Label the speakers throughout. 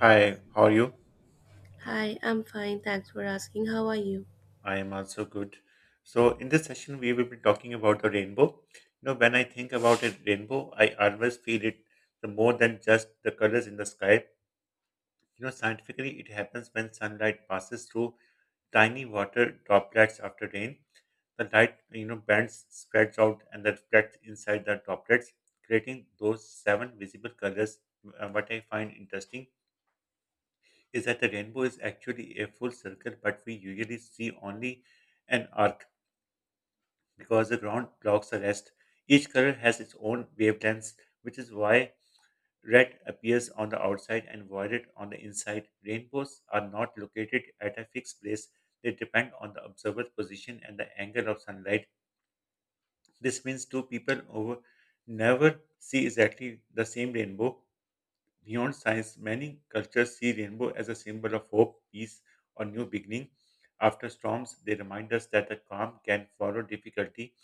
Speaker 1: Hi, how are you?
Speaker 2: Hi, I'm fine. Thanks for asking. How are you?
Speaker 1: I am also good. So, in this session, we will be talking about the rainbow. When I think about a rainbow, I always feel it the more than just the colors in the sky. Scientifically, it happens when sunlight passes through tiny water droplets after rain. The light, bends, spreads out, and then reflects inside the droplets, creating those seven visible colors. What I find interesting is that the rainbow is actually a full circle, but we usually see only an arc because the ground blocks the rest. Each color has its own wavelengths, which is why red appears on the outside and violet on the inside. Rainbows are not located at a fixed place, they depend on the observer's position and the angle of sunlight. This means two people over never see exactly the same rainbow. Beyond science, many cultures see rainbow as a symbol of hope, peace, or new beginning. After storms, they remind us that the calm can follow difficulty.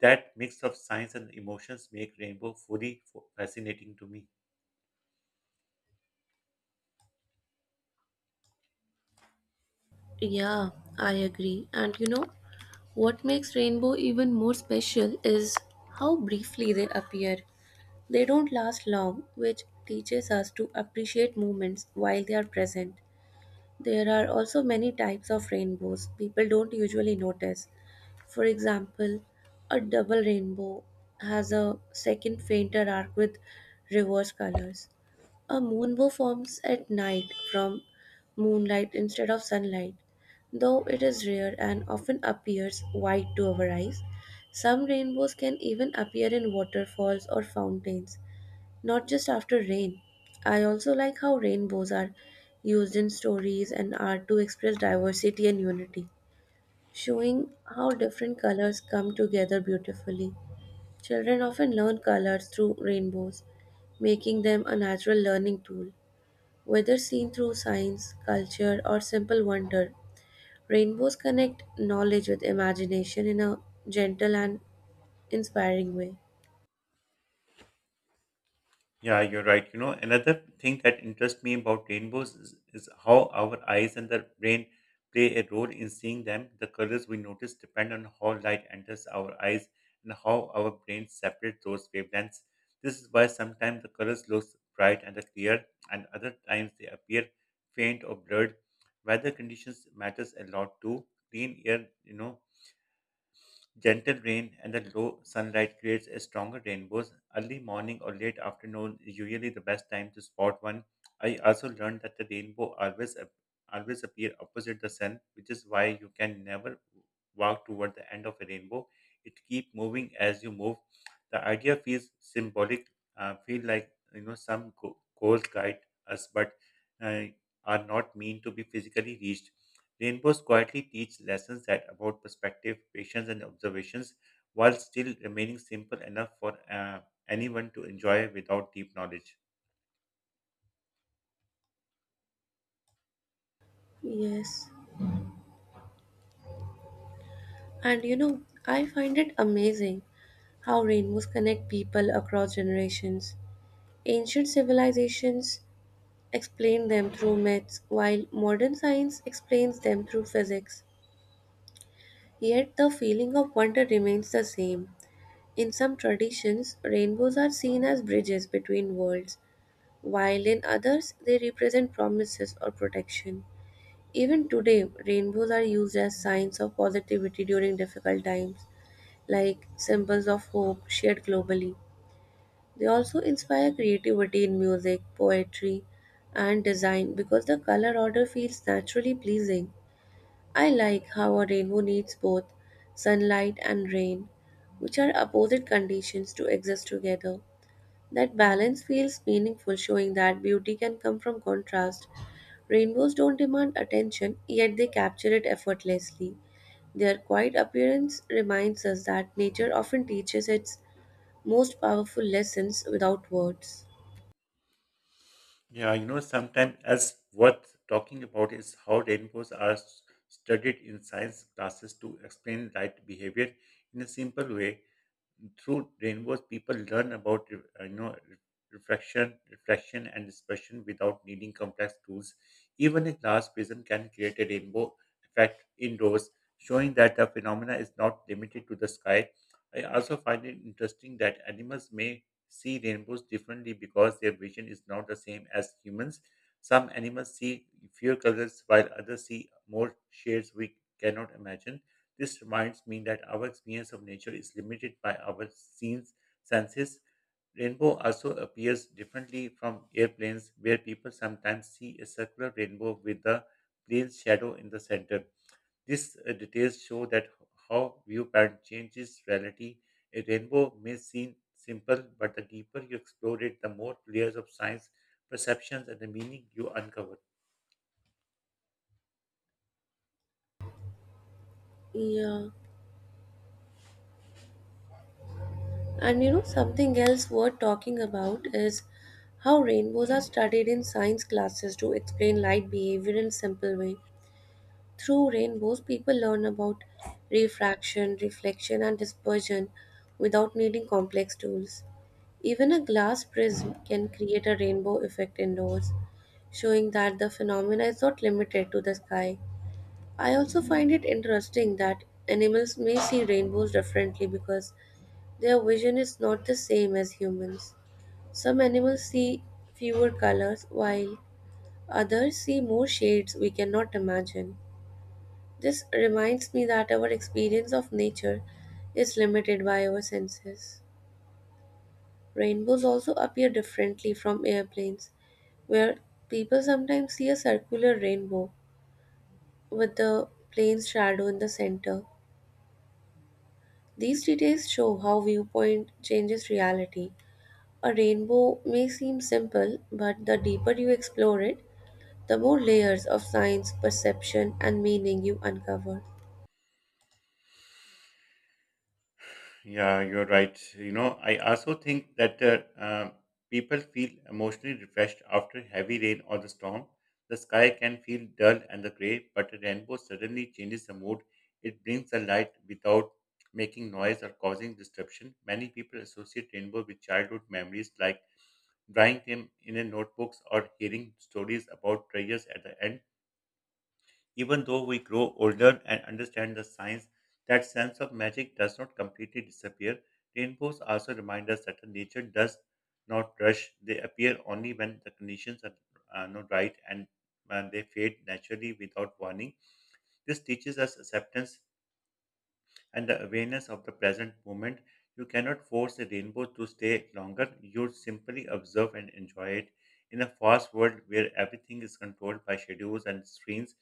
Speaker 1: That mix of science and emotions make rainbow fully fascinating to me.
Speaker 2: Yeah, I agree. And you know, what makes rainbow even more special is how briefly they appear. They don't last long, which teaches us to appreciate moments while they are present. There are also many types of rainbows people don't usually notice. For example, a double rainbow has a second fainter arc with reverse colors. A moonbow forms at night from moonlight instead of sunlight. Though it is rare and often appears white to our eyes, some rainbows can even appear in waterfalls or fountains, not just after rain. I also like how rainbows are used in stories and art to express diversity and unity, showing how different colors come together beautifully. Children often learn colors through rainbows, making them a natural learning tool. Whether seen through science, culture, or simple wonder, rainbows connect knowledge with imagination in a gentle and inspiring way.
Speaker 1: Yeah, you're right. You know, another thing that interests me about rainbows is how our eyes and the brain play a role in seeing them. The colors we notice depend on how light enters our eyes and how our brains separate those wavelengths. This is why sometimes the colors look bright and clear, and other times they appear faint or blurred. Weather conditions matters a lot too. Clean air, gentle rain and the low sunlight creates a stronger rainbows. Early morning or late afternoon is usually the best time to spot one. I also learned that the rainbow always appear opposite the sun, which is why you can never walk toward the end of a rainbow. It keep moving as you move. The idea feels symbolic. Feel like some goals guide us, but uh, are not mean to be physically reached. Rainbows quietly teach lessons that about perspective, patience, and observations, while still remaining simple enough for anyone to enjoy without deep knowledge.
Speaker 2: Yes. And you know, I find it amazing how rainbows connect people across generations. Ancient civilizations explain them through myths, while modern science explains them through physics. Yet the feeling of wonder remains the same. In some traditions, rainbows are seen as bridges between worlds, while in others they represent promises or protection. Even today, rainbows are used as signs of positivity during difficult times, like symbols of hope shared globally. They also inspire creativity in music, poetry, and design because the color order feels naturally pleasing. I like how a rainbow needs both sunlight and rain, which are opposite conditions to exist together. That balance feels meaningful, showing that beauty can come from contrast. Rainbows don't demand attention, yet they capture it effortlessly. Their quiet appearance reminds us that nature often teaches its most powerful lessons without words.
Speaker 1: Yeah, sometimes as worth talking about is how rainbows studied in science classes to explain light behavior in a simple way through rainbows people learn about uh, you know re- reflection reflection, and dispersion without needing complex tools. Even a glass prism can create a rainbow effect indoors, showing that the phenomena is not limited to the sky. I also find it interesting that animals may see rainbows differently because their vision is not the same as humans. Some animals see fewer colors while others see more shades we cannot imagine. This reminds me that our experience of nature is limited by our senses. Rainbow also appears differently from airplanes, where people sometimes see a circular rainbow with the plain shadow in the center. These details show that how viewpoint changes reality. A rainbow may seem simple, but the deeper you explore it, the more layers of science, perceptions, and the meaning you uncover.
Speaker 2: Yeah, and you know, something else worth talking about is how rainbows are studied in science classes to explain light behavior in simple way. Through rainbows, people learn about refraction, reflection, and dispersion without needing complex tools. Even a glass prism can create a rainbow effect indoors, showing that the phenomena is not limited to the sky. I also find it interesting that animals may see rainbows differently because their vision is not the same as humans. Some animals see fewer colors while others see more shades we cannot imagine. This reminds me that our experience of nature is limited by our senses. Rainbows also appear differently from airplanes where people sometimes see a circular rainbow with the plane's shadow in the center. These details show how viewpoint changes reality. A rainbow may seem simple, but the deeper you explore it, the more layers of science, perception, and meaning you uncover.
Speaker 1: Yeah, you're right. I also think that people feel emotionally refreshed after heavy rain or the storm. The sky can feel dull and the gray, but a rainbow suddenly changes the mood. It brings the light without making noise or causing disruption. Many people associate rainbow with childhood memories like drawing them in a notebooks or hearing stories about prayers at the end. Even though we grow older and understand the science, that sense of magic does not completely disappear. Rainbows also remind us that nature does not rush. They appear only when the conditions are not right and when they fade naturally without warning. This teaches us acceptance and the awareness of the present moment. You cannot force a rainbow to stay longer. You simply observe and enjoy it. In a fast world where everything is controlled by schedules and screens,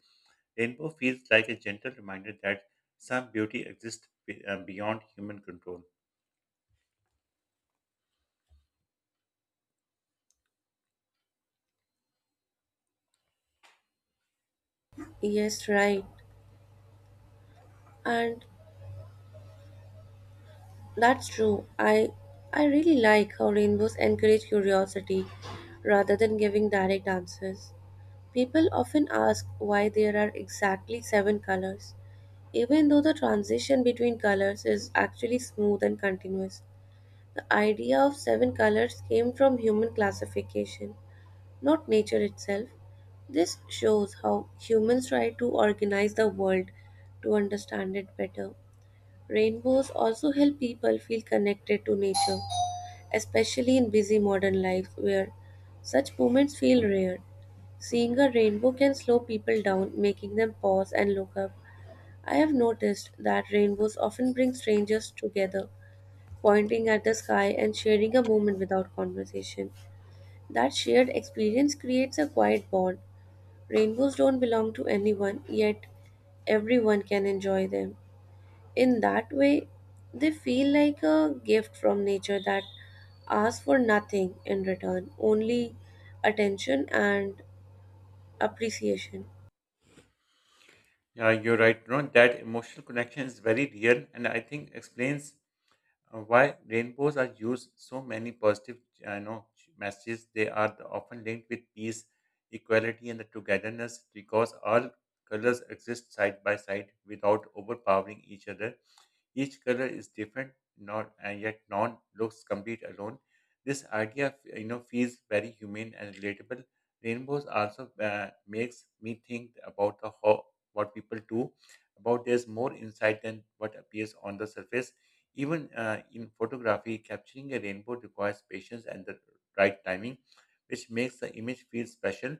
Speaker 1: rainbow feels like a gentle reminder that some beauty exists beyond human control.
Speaker 2: Yes, right. And that's true. I really like how rainbows encourage curiosity rather than giving direct answers. People often ask why there are exactly seven colors, even though the transition between colors is actually smooth and continuous. The idea of seven colors came from human classification, not nature itself. This shows how humans try to organize the world to understand it better. Rainbows also help people feel connected to nature, especially in busy modern life where such moments feel rare. Seeing a rainbow can slow people down, making them pause and look up. I have noticed that rainbows often bring strangers together, pointing at the sky and sharing a moment without conversation. That shared experience creates a quiet bond. Rainbows don't belong to anyone, yet everyone can enjoy them. In that way, they feel like a gift from nature that asks for nothing in return, only attention and appreciation.
Speaker 1: Yeah, you're right. No, that emotional connection is very real, and I think explains why rainbows are used so many positive, I know, messages. They are often linked with peace, equality, and the togetherness because all colors exist side by side without overpowering each other. Each color is different, not and yet none looks complete alone. This idea, feels very humane and relatable. Rainbows also makes me think about the how what people do, about there's more insight than what appears on the surface. Even in photography, capturing a rainbow requires patience and the right timing, which makes the image feel special.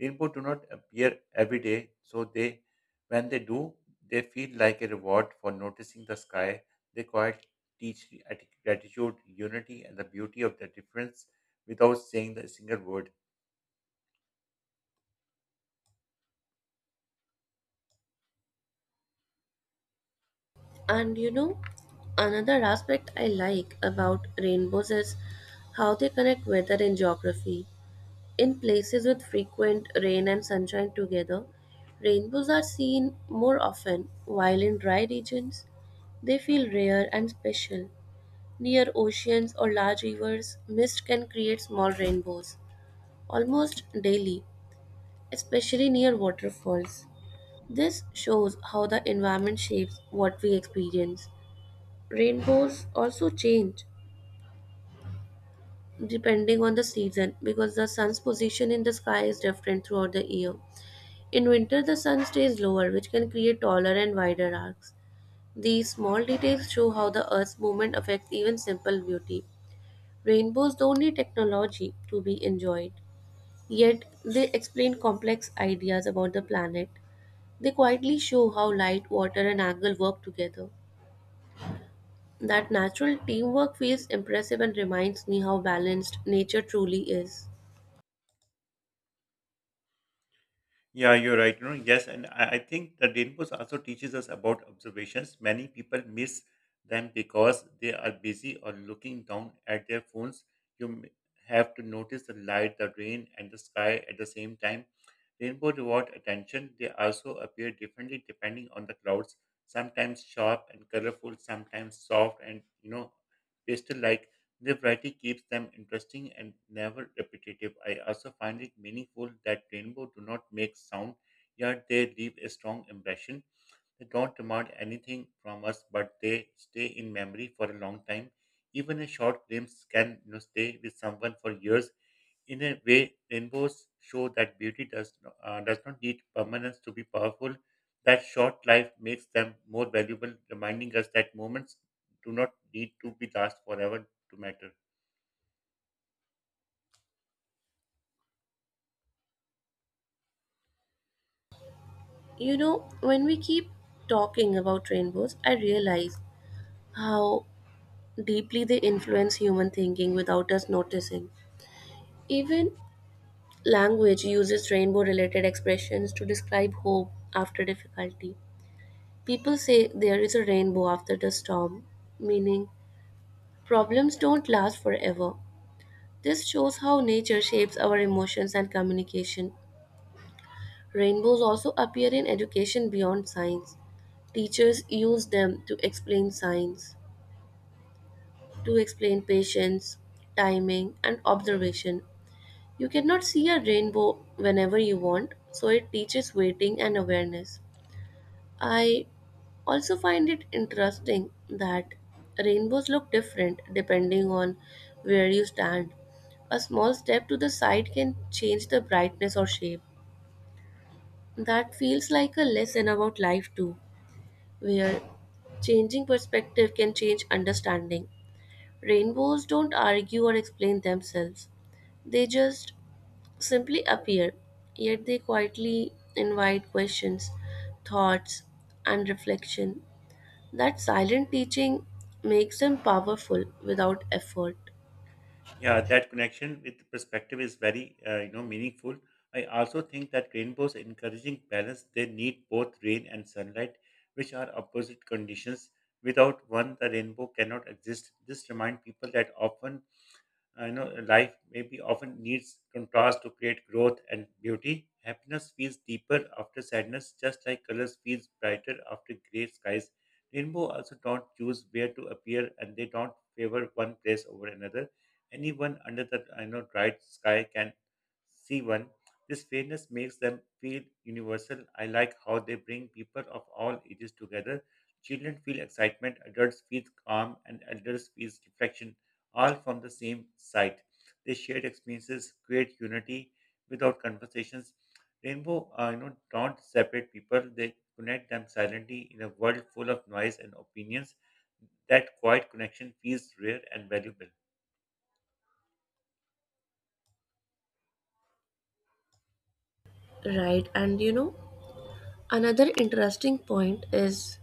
Speaker 1: Rainbow do not appear every day, so they when they do they feel like a reward for noticing the sky. They quite teach gratitude, unity, and the beauty of the difference without saying a single word.
Speaker 2: And you know, another aspect I like about rainbows is how they connect weather and geography. In places with frequent rain and sunshine together, rainbows are seen more often, while in dry regions, they feel rare and special. Near oceans or large rivers, mist can create small rainbows almost daily, especially near waterfalls. This shows how the environment shapes what we experience. Rainbows also change depending on the season because the sun's position in the sky is different throughout the year. In winter, the sun stays lower, which can create taller and wider arcs. These small details show how the Earth's movement affects even simple beauty. Rainbows don't need technology to be enjoyed, yet they explain complex ideas about the planet. They quietly show how light, water, and angle work together. That natural teamwork feels impressive and reminds me how balanced nature truly is.
Speaker 1: Yeah, you're right. You know, yes, and I think the rainbows also teaches us about observations. Many people miss them because they are busy or looking down at their phones. You m- have to notice the light, the rain, and the sky at the same time. Rainbow reward attention. They also appear differently depending on the clouds. Sometimes sharp and colorful, sometimes soft and pastel-like. The variety keeps them interesting and never repetitive. I also find it meaningful that rainbow do not make sound, yet they leave a strong impression. They don't demand anything from us, but they stay in memory for a long time. Even a short glimpse can stay with someone for years. In a way, rainbows show that beauty does not need permanence to be powerful. That short life makes them more valuable, reminding us that moments do not need to be last forever to matter.
Speaker 2: You know, when we keep talking about rainbows, I realize how deeply they influence human thinking without us noticing. Even language uses rainbow related expressions to describe hope after difficulty. People say there is a rainbow after the storm, meaning problems don't last forever. This shows how nature shapes our emotions and communication. Rainbows also appear in education beyond science. Teachers use them to explain science, to explain patience, timing, and observation. You cannot see a rainbow whenever you want, so it teaches waiting and awareness. I also find it interesting that rainbows look different depending on where you stand. A small step to the side can change the brightness or shape. That feels like a lesson about life, too, where changing perspective can change understanding. Rainbows don't argue or explain themselves, they just simply appear, yet they quietly invite questions, thoughts, and reflection. That silent teaching makes them powerful without effort.
Speaker 1: Yeah, that connection with perspective is very, meaningful. I also think that rainbows encouraging balance. They need both rain and sunlight, which are opposite conditions. Without one, the rainbow cannot exist. This reminds people that often life maybe often needs contrast to create growth and beauty. Happiness feels deeper after sadness, just like colors feels brighter after gray skies. Rainbow also don't choose where to appear, and they don't favor one place over another. Anyone under the I know bright sky can see one. This fairness makes them feel universal. I like how they bring people of all ages together. Children feel excitement, adults feel calm, and elders feel reflection, all from the same site. They shared experiences create unity without conversations. Rainbow, don't separate people. They connect them silently in a world full of noise and opinions. That quiet connection feels rare and valuable.
Speaker 2: Right, and you know, another interesting point is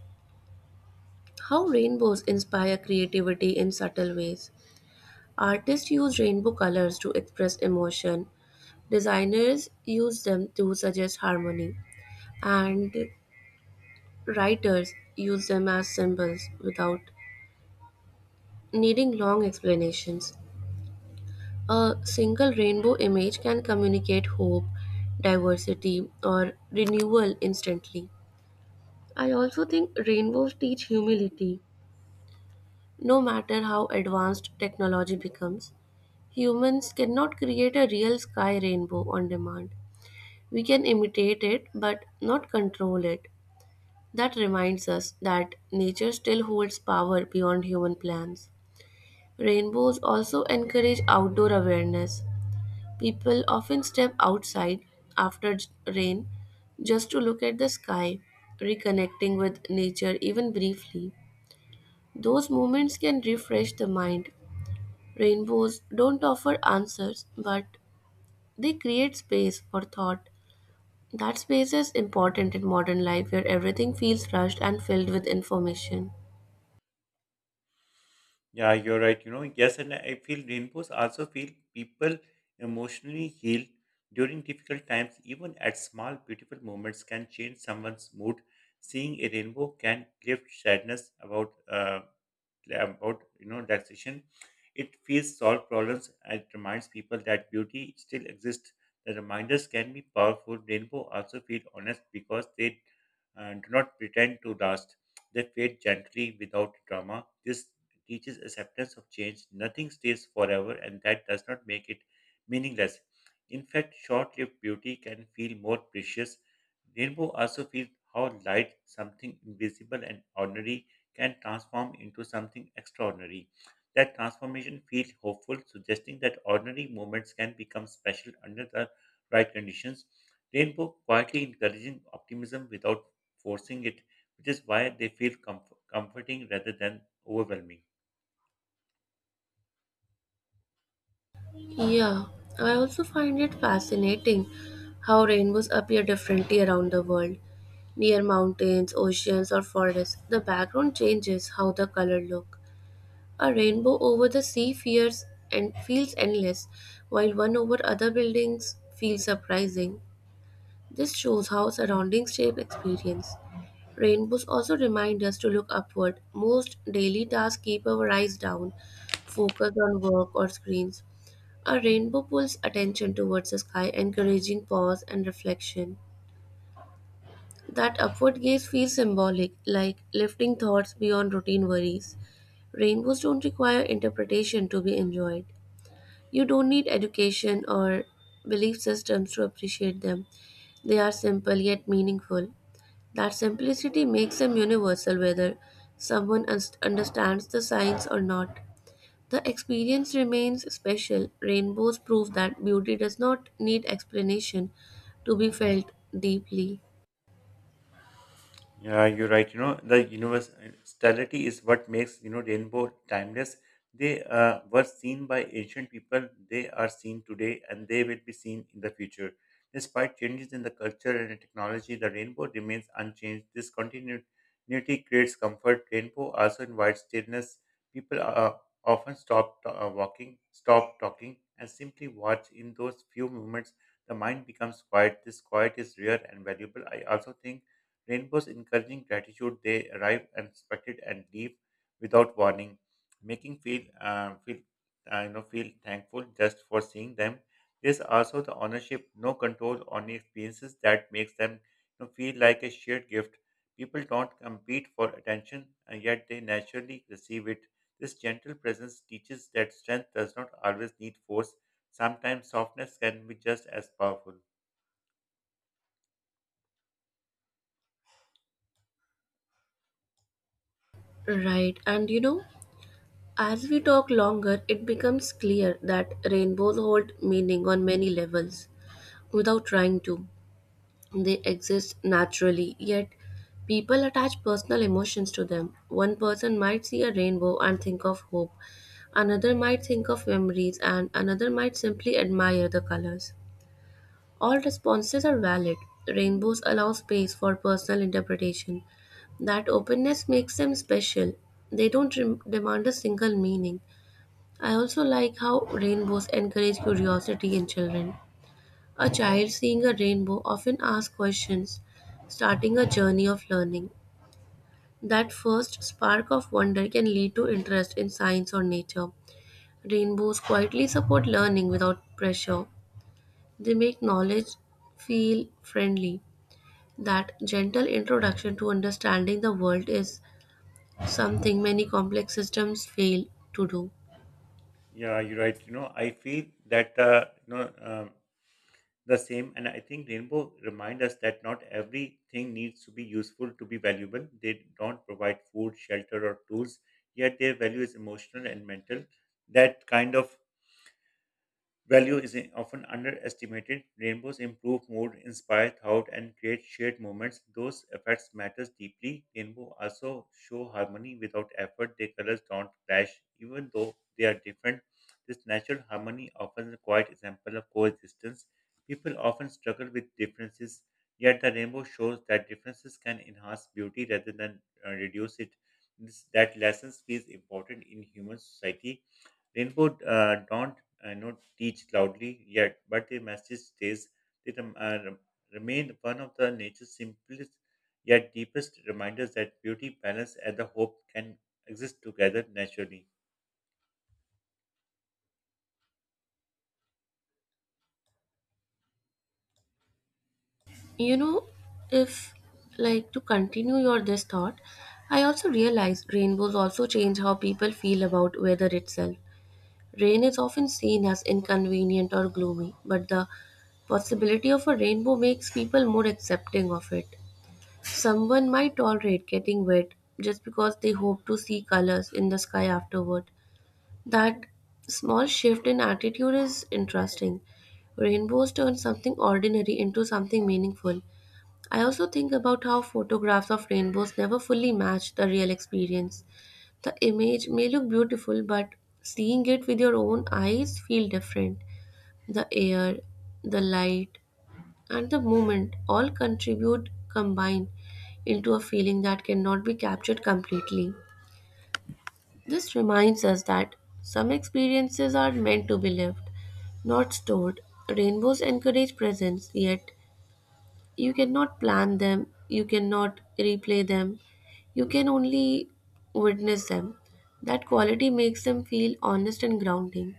Speaker 2: how rainbows inspire creativity in subtle ways. Artists use rainbow colors to express emotion, designers use them to suggest harmony, and writers use them as symbols without needing long explanations. A single rainbow image can communicate hope, diversity, or renewal instantly. I also think rainbows teach humility. No matter how advanced technology becomes, humans cannot create a real sky rainbow on demand. We can imitate it but not control it. That reminds us that nature still holds power beyond human plans. Rainbows also encourage outdoor awareness. People often step outside after rain just to look at the sky, reconnecting with nature even briefly. Those moments can refresh the mind. Rainbows don't offer answers, but they create space for thought. That space is important in modern life where everything feels rushed and filled with information.
Speaker 1: Yeah, you're right. You know, yes, and I feel rainbows also feel people emotionally heal during difficult times. Even at small, beautiful moments can change someone's mood. Seeing a rainbow can lift sadness about relaxation. It feels solve problems, and it reminds people that beauty still exists. The reminders can be powerful. Rainbow also feel honest because they do not pretend to last. They fade gently without drama. This teaches acceptance of change. Nothing stays forever, and that does not make it meaningless. In fact, short lived beauty can feel more precious. Rainbow also feels how light, something invisible and ordinary, can transform into something extraordinary. That transformation feels hopeful, suggesting that ordinary moments can become special under the right conditions. Rainbow quietly encouraging optimism without forcing it, which is why they feel comforting rather than overwhelming.
Speaker 2: Yeah, I also find it fascinating how rainbows appear differently around the world. Near mountains, oceans, or forests, the background changes how the color look. A rainbow over the sea fears and feels endless, while one over other buildings feels surprising. This shows how surroundings shape experience. Rainbows also remind us to look upward. Most daily tasks keep our eyes down, focused on work or screens. A rainbow pulls attention towards the sky, encouraging pause and reflection. That upward gaze feels symbolic, like lifting thoughts beyond routine worries. Rainbows don't require interpretation to be enjoyed. You don't need education or belief systems to appreciate them. They are simple yet meaningful. That simplicity makes them universal whether someone understands the science or not. The experience remains special. Rainbows prove that beauty does not need explanation to be felt deeply.
Speaker 1: Yeah, you're right. The universality is what makes, rainbow timeless. They were seen by ancient people, they are seen today, and they will be seen in the future. Despite changes in the culture and technology, the rainbow remains unchanged. This continuity creates comfort. Rainbow also invites stillness. People often stop walking, stop talking, and simply watch. In those few moments, the mind becomes quiet. This quiet is rare and valuable. I also think rainbows encouraging gratitude, they arrive unexpected and leave without warning, making feel feel you know feel thankful just for seeing them. There's also the ownership, no control on the experiences that makes them feel like a shared gift. People don't compete for attention, and yet they naturally receive it. This gentle presence teaches that strength does not always need force. Sometimes softness can be just as powerful.
Speaker 2: Right, and you know, as we talk longer, it becomes clear that rainbows hold meaning on many levels without trying to. They exist naturally, yet people attach personal emotions to them. One person might see a rainbow and think of hope, another might think of memories, and another might simply admire the colors. All responses are valid. Rainbows allow space for personal interpretation. That openness makes them special. They don't demand a single meaning. I also like how rainbows encourage curiosity in children. A child seeing a rainbow often asks questions, starting a journey of learning. That first spark of wonder can lead to interest in science or nature. Rainbows quietly support learning without pressure. They make knowledge feel friendly. That gentle introduction to understanding the world is something many complex systems fail to do.
Speaker 1: Yeah, you're right. You know, I feel that the same. And I think rainbow remind us that not everything needs to be useful to be valuable. They don't provide food, shelter, or tools, yet their value is emotional and mental. That kind of value is often underestimated. Rainbows improve mood, inspire thought, and create shared moments. Those effects matters deeply. Rainbow also show harmony without effort. Their colors don't clash, even though they are different. This natural harmony offers a quiet example of coexistence. People often struggle with differences, yet the rainbow shows that differences can enhance beauty rather than reduce it. That lesson feels important in human society. Rainbow not not teach loudly yet, but their message stays. They remain one of the nature's simplest yet deepest reminders that beauty, balance, and the hope can exist together naturally.
Speaker 2: You know, if like to continue your this thought, I also realize rainbows also change how people feel about weather itself. Rain is often seen as inconvenient or gloomy, but the possibility of a rainbow makes people more accepting of it. Someone might tolerate getting wet just because they hope to see colors in the sky afterward. That small shift in attitude is interesting. Rainbows turn something ordinary into something meaningful. I also think about how photographs of rainbows never fully match the real experience. The image may look beautiful, but seeing it with your own eyes feel different. The air, the light, and the movement all contribute combine into a feeling that cannot be captured completely. This reminds us that some experiences are meant to be lived, not stored. Rainbows encourage presence, yet you cannot plan them, you cannot replay them, you can only witness them. That quality makes them feel honest and grounding.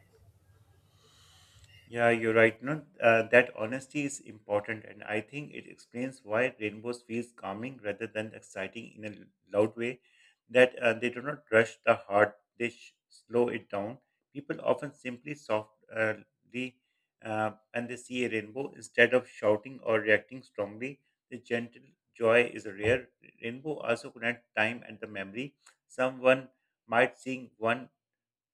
Speaker 1: Yeah, you're right. No, that honesty is important, and I think it explains why rainbows feels calming rather than exciting in a loud way. That they do not rush the heart; they slow it down. People often simply softly, and they see a rainbow instead of shouting or reacting strongly. The gentle joy is rare. Rainbow also connect time and the memory. Someone might sing one.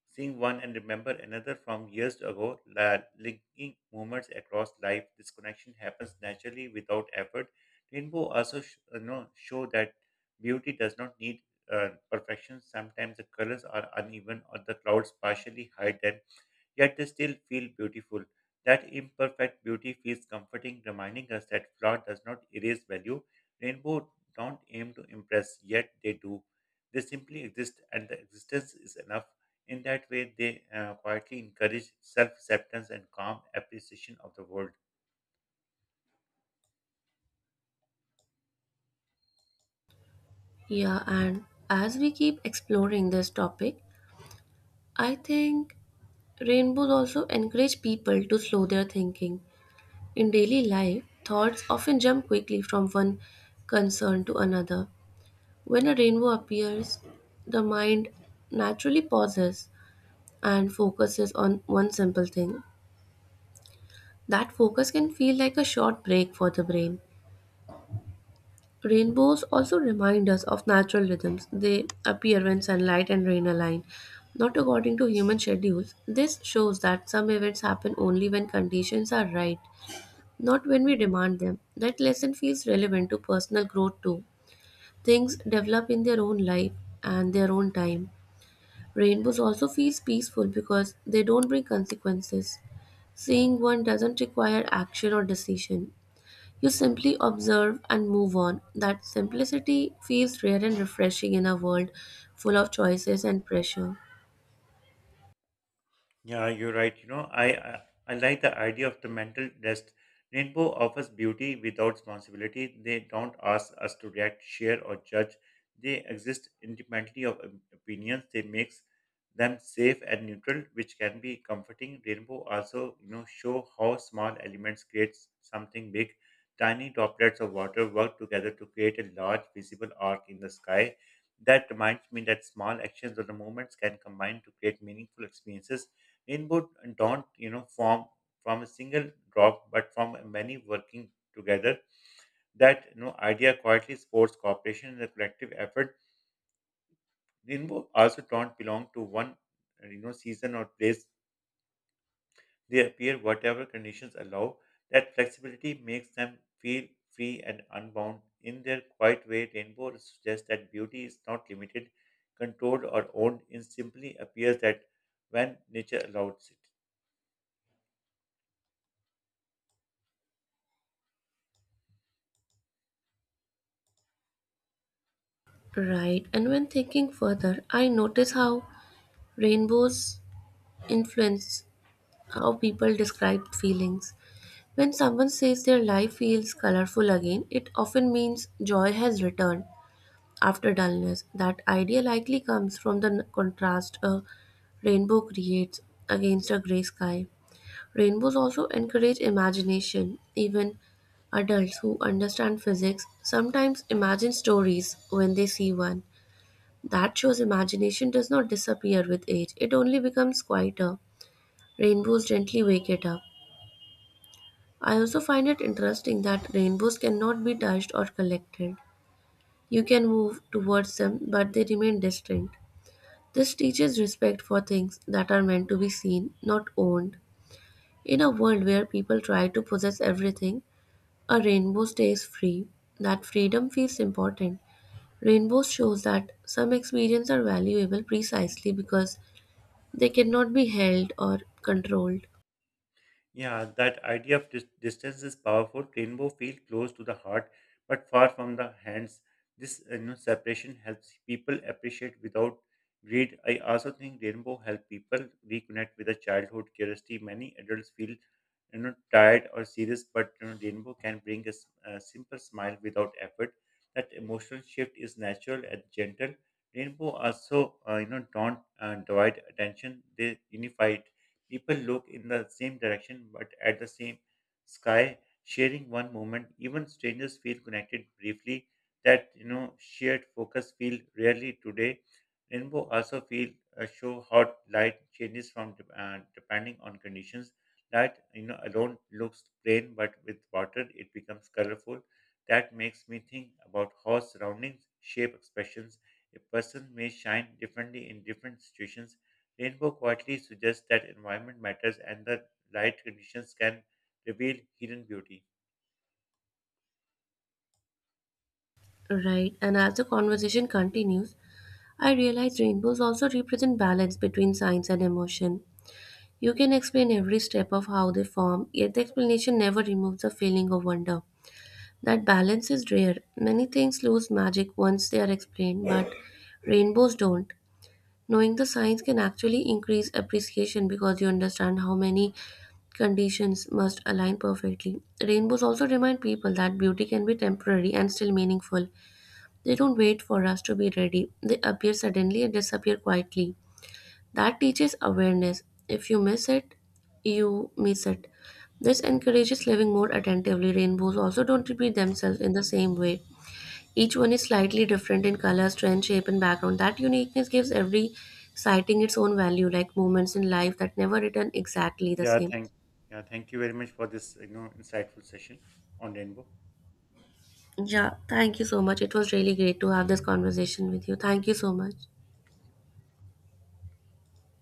Speaker 1: Seeing one and remember another from years ago, linking moments across life, this connection happens naturally without effort. Rainbow also show that beauty does not need perfection. Sometimes the colors are uneven or the clouds partially hide them, yet they still feel beautiful. That imperfect beauty feels comforting, reminding us that flaw does not erase value. Rainbows don't aim to impress, yet they do. They simply exist, and the existence is enough. In that way, they quietly encourage self acceptance and calm appreciation of the world.
Speaker 2: Yeah, and as we keep exploring this topic, I think rainbows also encourage people to slow their thinking. In daily life, thoughts often jump quickly from one concern to another. When a rainbow appears, the mind naturally pauses and focuses on one simple thing. That focus can feel like a short break for the brain. Rainbows also remind us of natural rhythms. They appear when sunlight and rain align, not according to human schedules. This shows that some events happen only when conditions are right, not when we demand them. That lesson feels relevant to personal growth too. Things develop in their own life and their own time. Rainbows also feels peaceful because they don't bring consequences. Seeing one doesn't require action or decision. You simply observe and move on. That simplicity feels rare and refreshing in a world full of choices and pressure.
Speaker 1: Yeah, you're right. I I like the idea of the mental rest. Rainbow offers beauty without responsibility. They don't ask us to react, share, or judge. They exist independently of opinions. They makes them safe and neutral, which can be comforting. Rainbow also, show how small elements creates something big. Tiny droplets of water work together to create a large visible arc in the sky. That reminds me that small actions or the moments can combine to create meaningful experiences. Rainbows don't form from a single drop, but from many working together. That idea quietly supports cooperation and a collective effort. Rainbow also don't belong to one, season or place. They appear whatever conditions allow. That flexibility makes them feel free and unbound. In their quiet way, rainbow suggests that beauty is not limited, controlled, or owned. It simply appears that when nature allows it.
Speaker 2: Right, and when thinking further, I notice how rainbows influence how people describe feelings. When someone says their life feels colorful again, it often means joy has returned after dullness. That idea likely comes from the contrast a rainbow creates against a gray sky. Rainbows also encourage imagination. Even adults who understand physics sometimes imagine stories when they see one. That shows imagination does not disappear with age, it only becomes quieter. Rainbows gently wake it up. I also find it interesting that rainbows cannot be touched or collected. You can move towards them, but they remain distinct. This teaches respect for things that are meant to be seen, not owned. In a world where people try to possess everything, a rainbow stays free. That freedom feels important. Rainbows shows that some experiences are valuable precisely because they cannot be held or controlled.
Speaker 1: Yeah, that idea of distance is powerful. Rainbow feel close to the heart, but far from the hands. This separation helps people appreciate without greed. I also think rainbow help people reconnect with a childhood curiosity. Many adults feel tired or serious, but rainbow can bring a simple smile without effort. That emotional shift is natural and gentle. Rainbow also don't divide attention; they unify it. People look in the same direction but at the same sky, sharing one moment. Even strangers feel connected briefly. That shared focus feel rarely today. Rainbow also feel show how light changes from depending on conditions. Light alone looks plain, but with water it becomes colorful. That makes me think about how surroundings shape expressions. A person may shine differently in different situations. Rainbow quietly suggests that environment matters and that light conditions can reveal hidden beauty.
Speaker 2: Right, and as the conversation continues, I realize rainbows also represent balance between science and emotion. You can explain every step of how they form, yet the explanation never removes the feeling of wonder. That balance is rare. Many things lose magic once they are explained, but rainbows don't. Knowing the science can actually increase appreciation because you understand how many conditions must align perfectly. Rainbows also remind people that beauty can be temporary and still meaningful. They don't wait for us to be ready, they appear suddenly and disappear quietly. That teaches awareness. If you miss it, you miss it. This encourages living more attentively. Rainbows also don't repeat themselves in the same way. Each one is slightly different in color, strength, shape, and background. That uniqueness gives every sighting its own value, like moments in life that never return exactly the
Speaker 1: Yeah,
Speaker 2: same.
Speaker 1: thank yeah, thank you very much for this insightful session on rainbow.
Speaker 2: Yeah, thank you so much. It was really great to have this conversation with you. Thank you so much.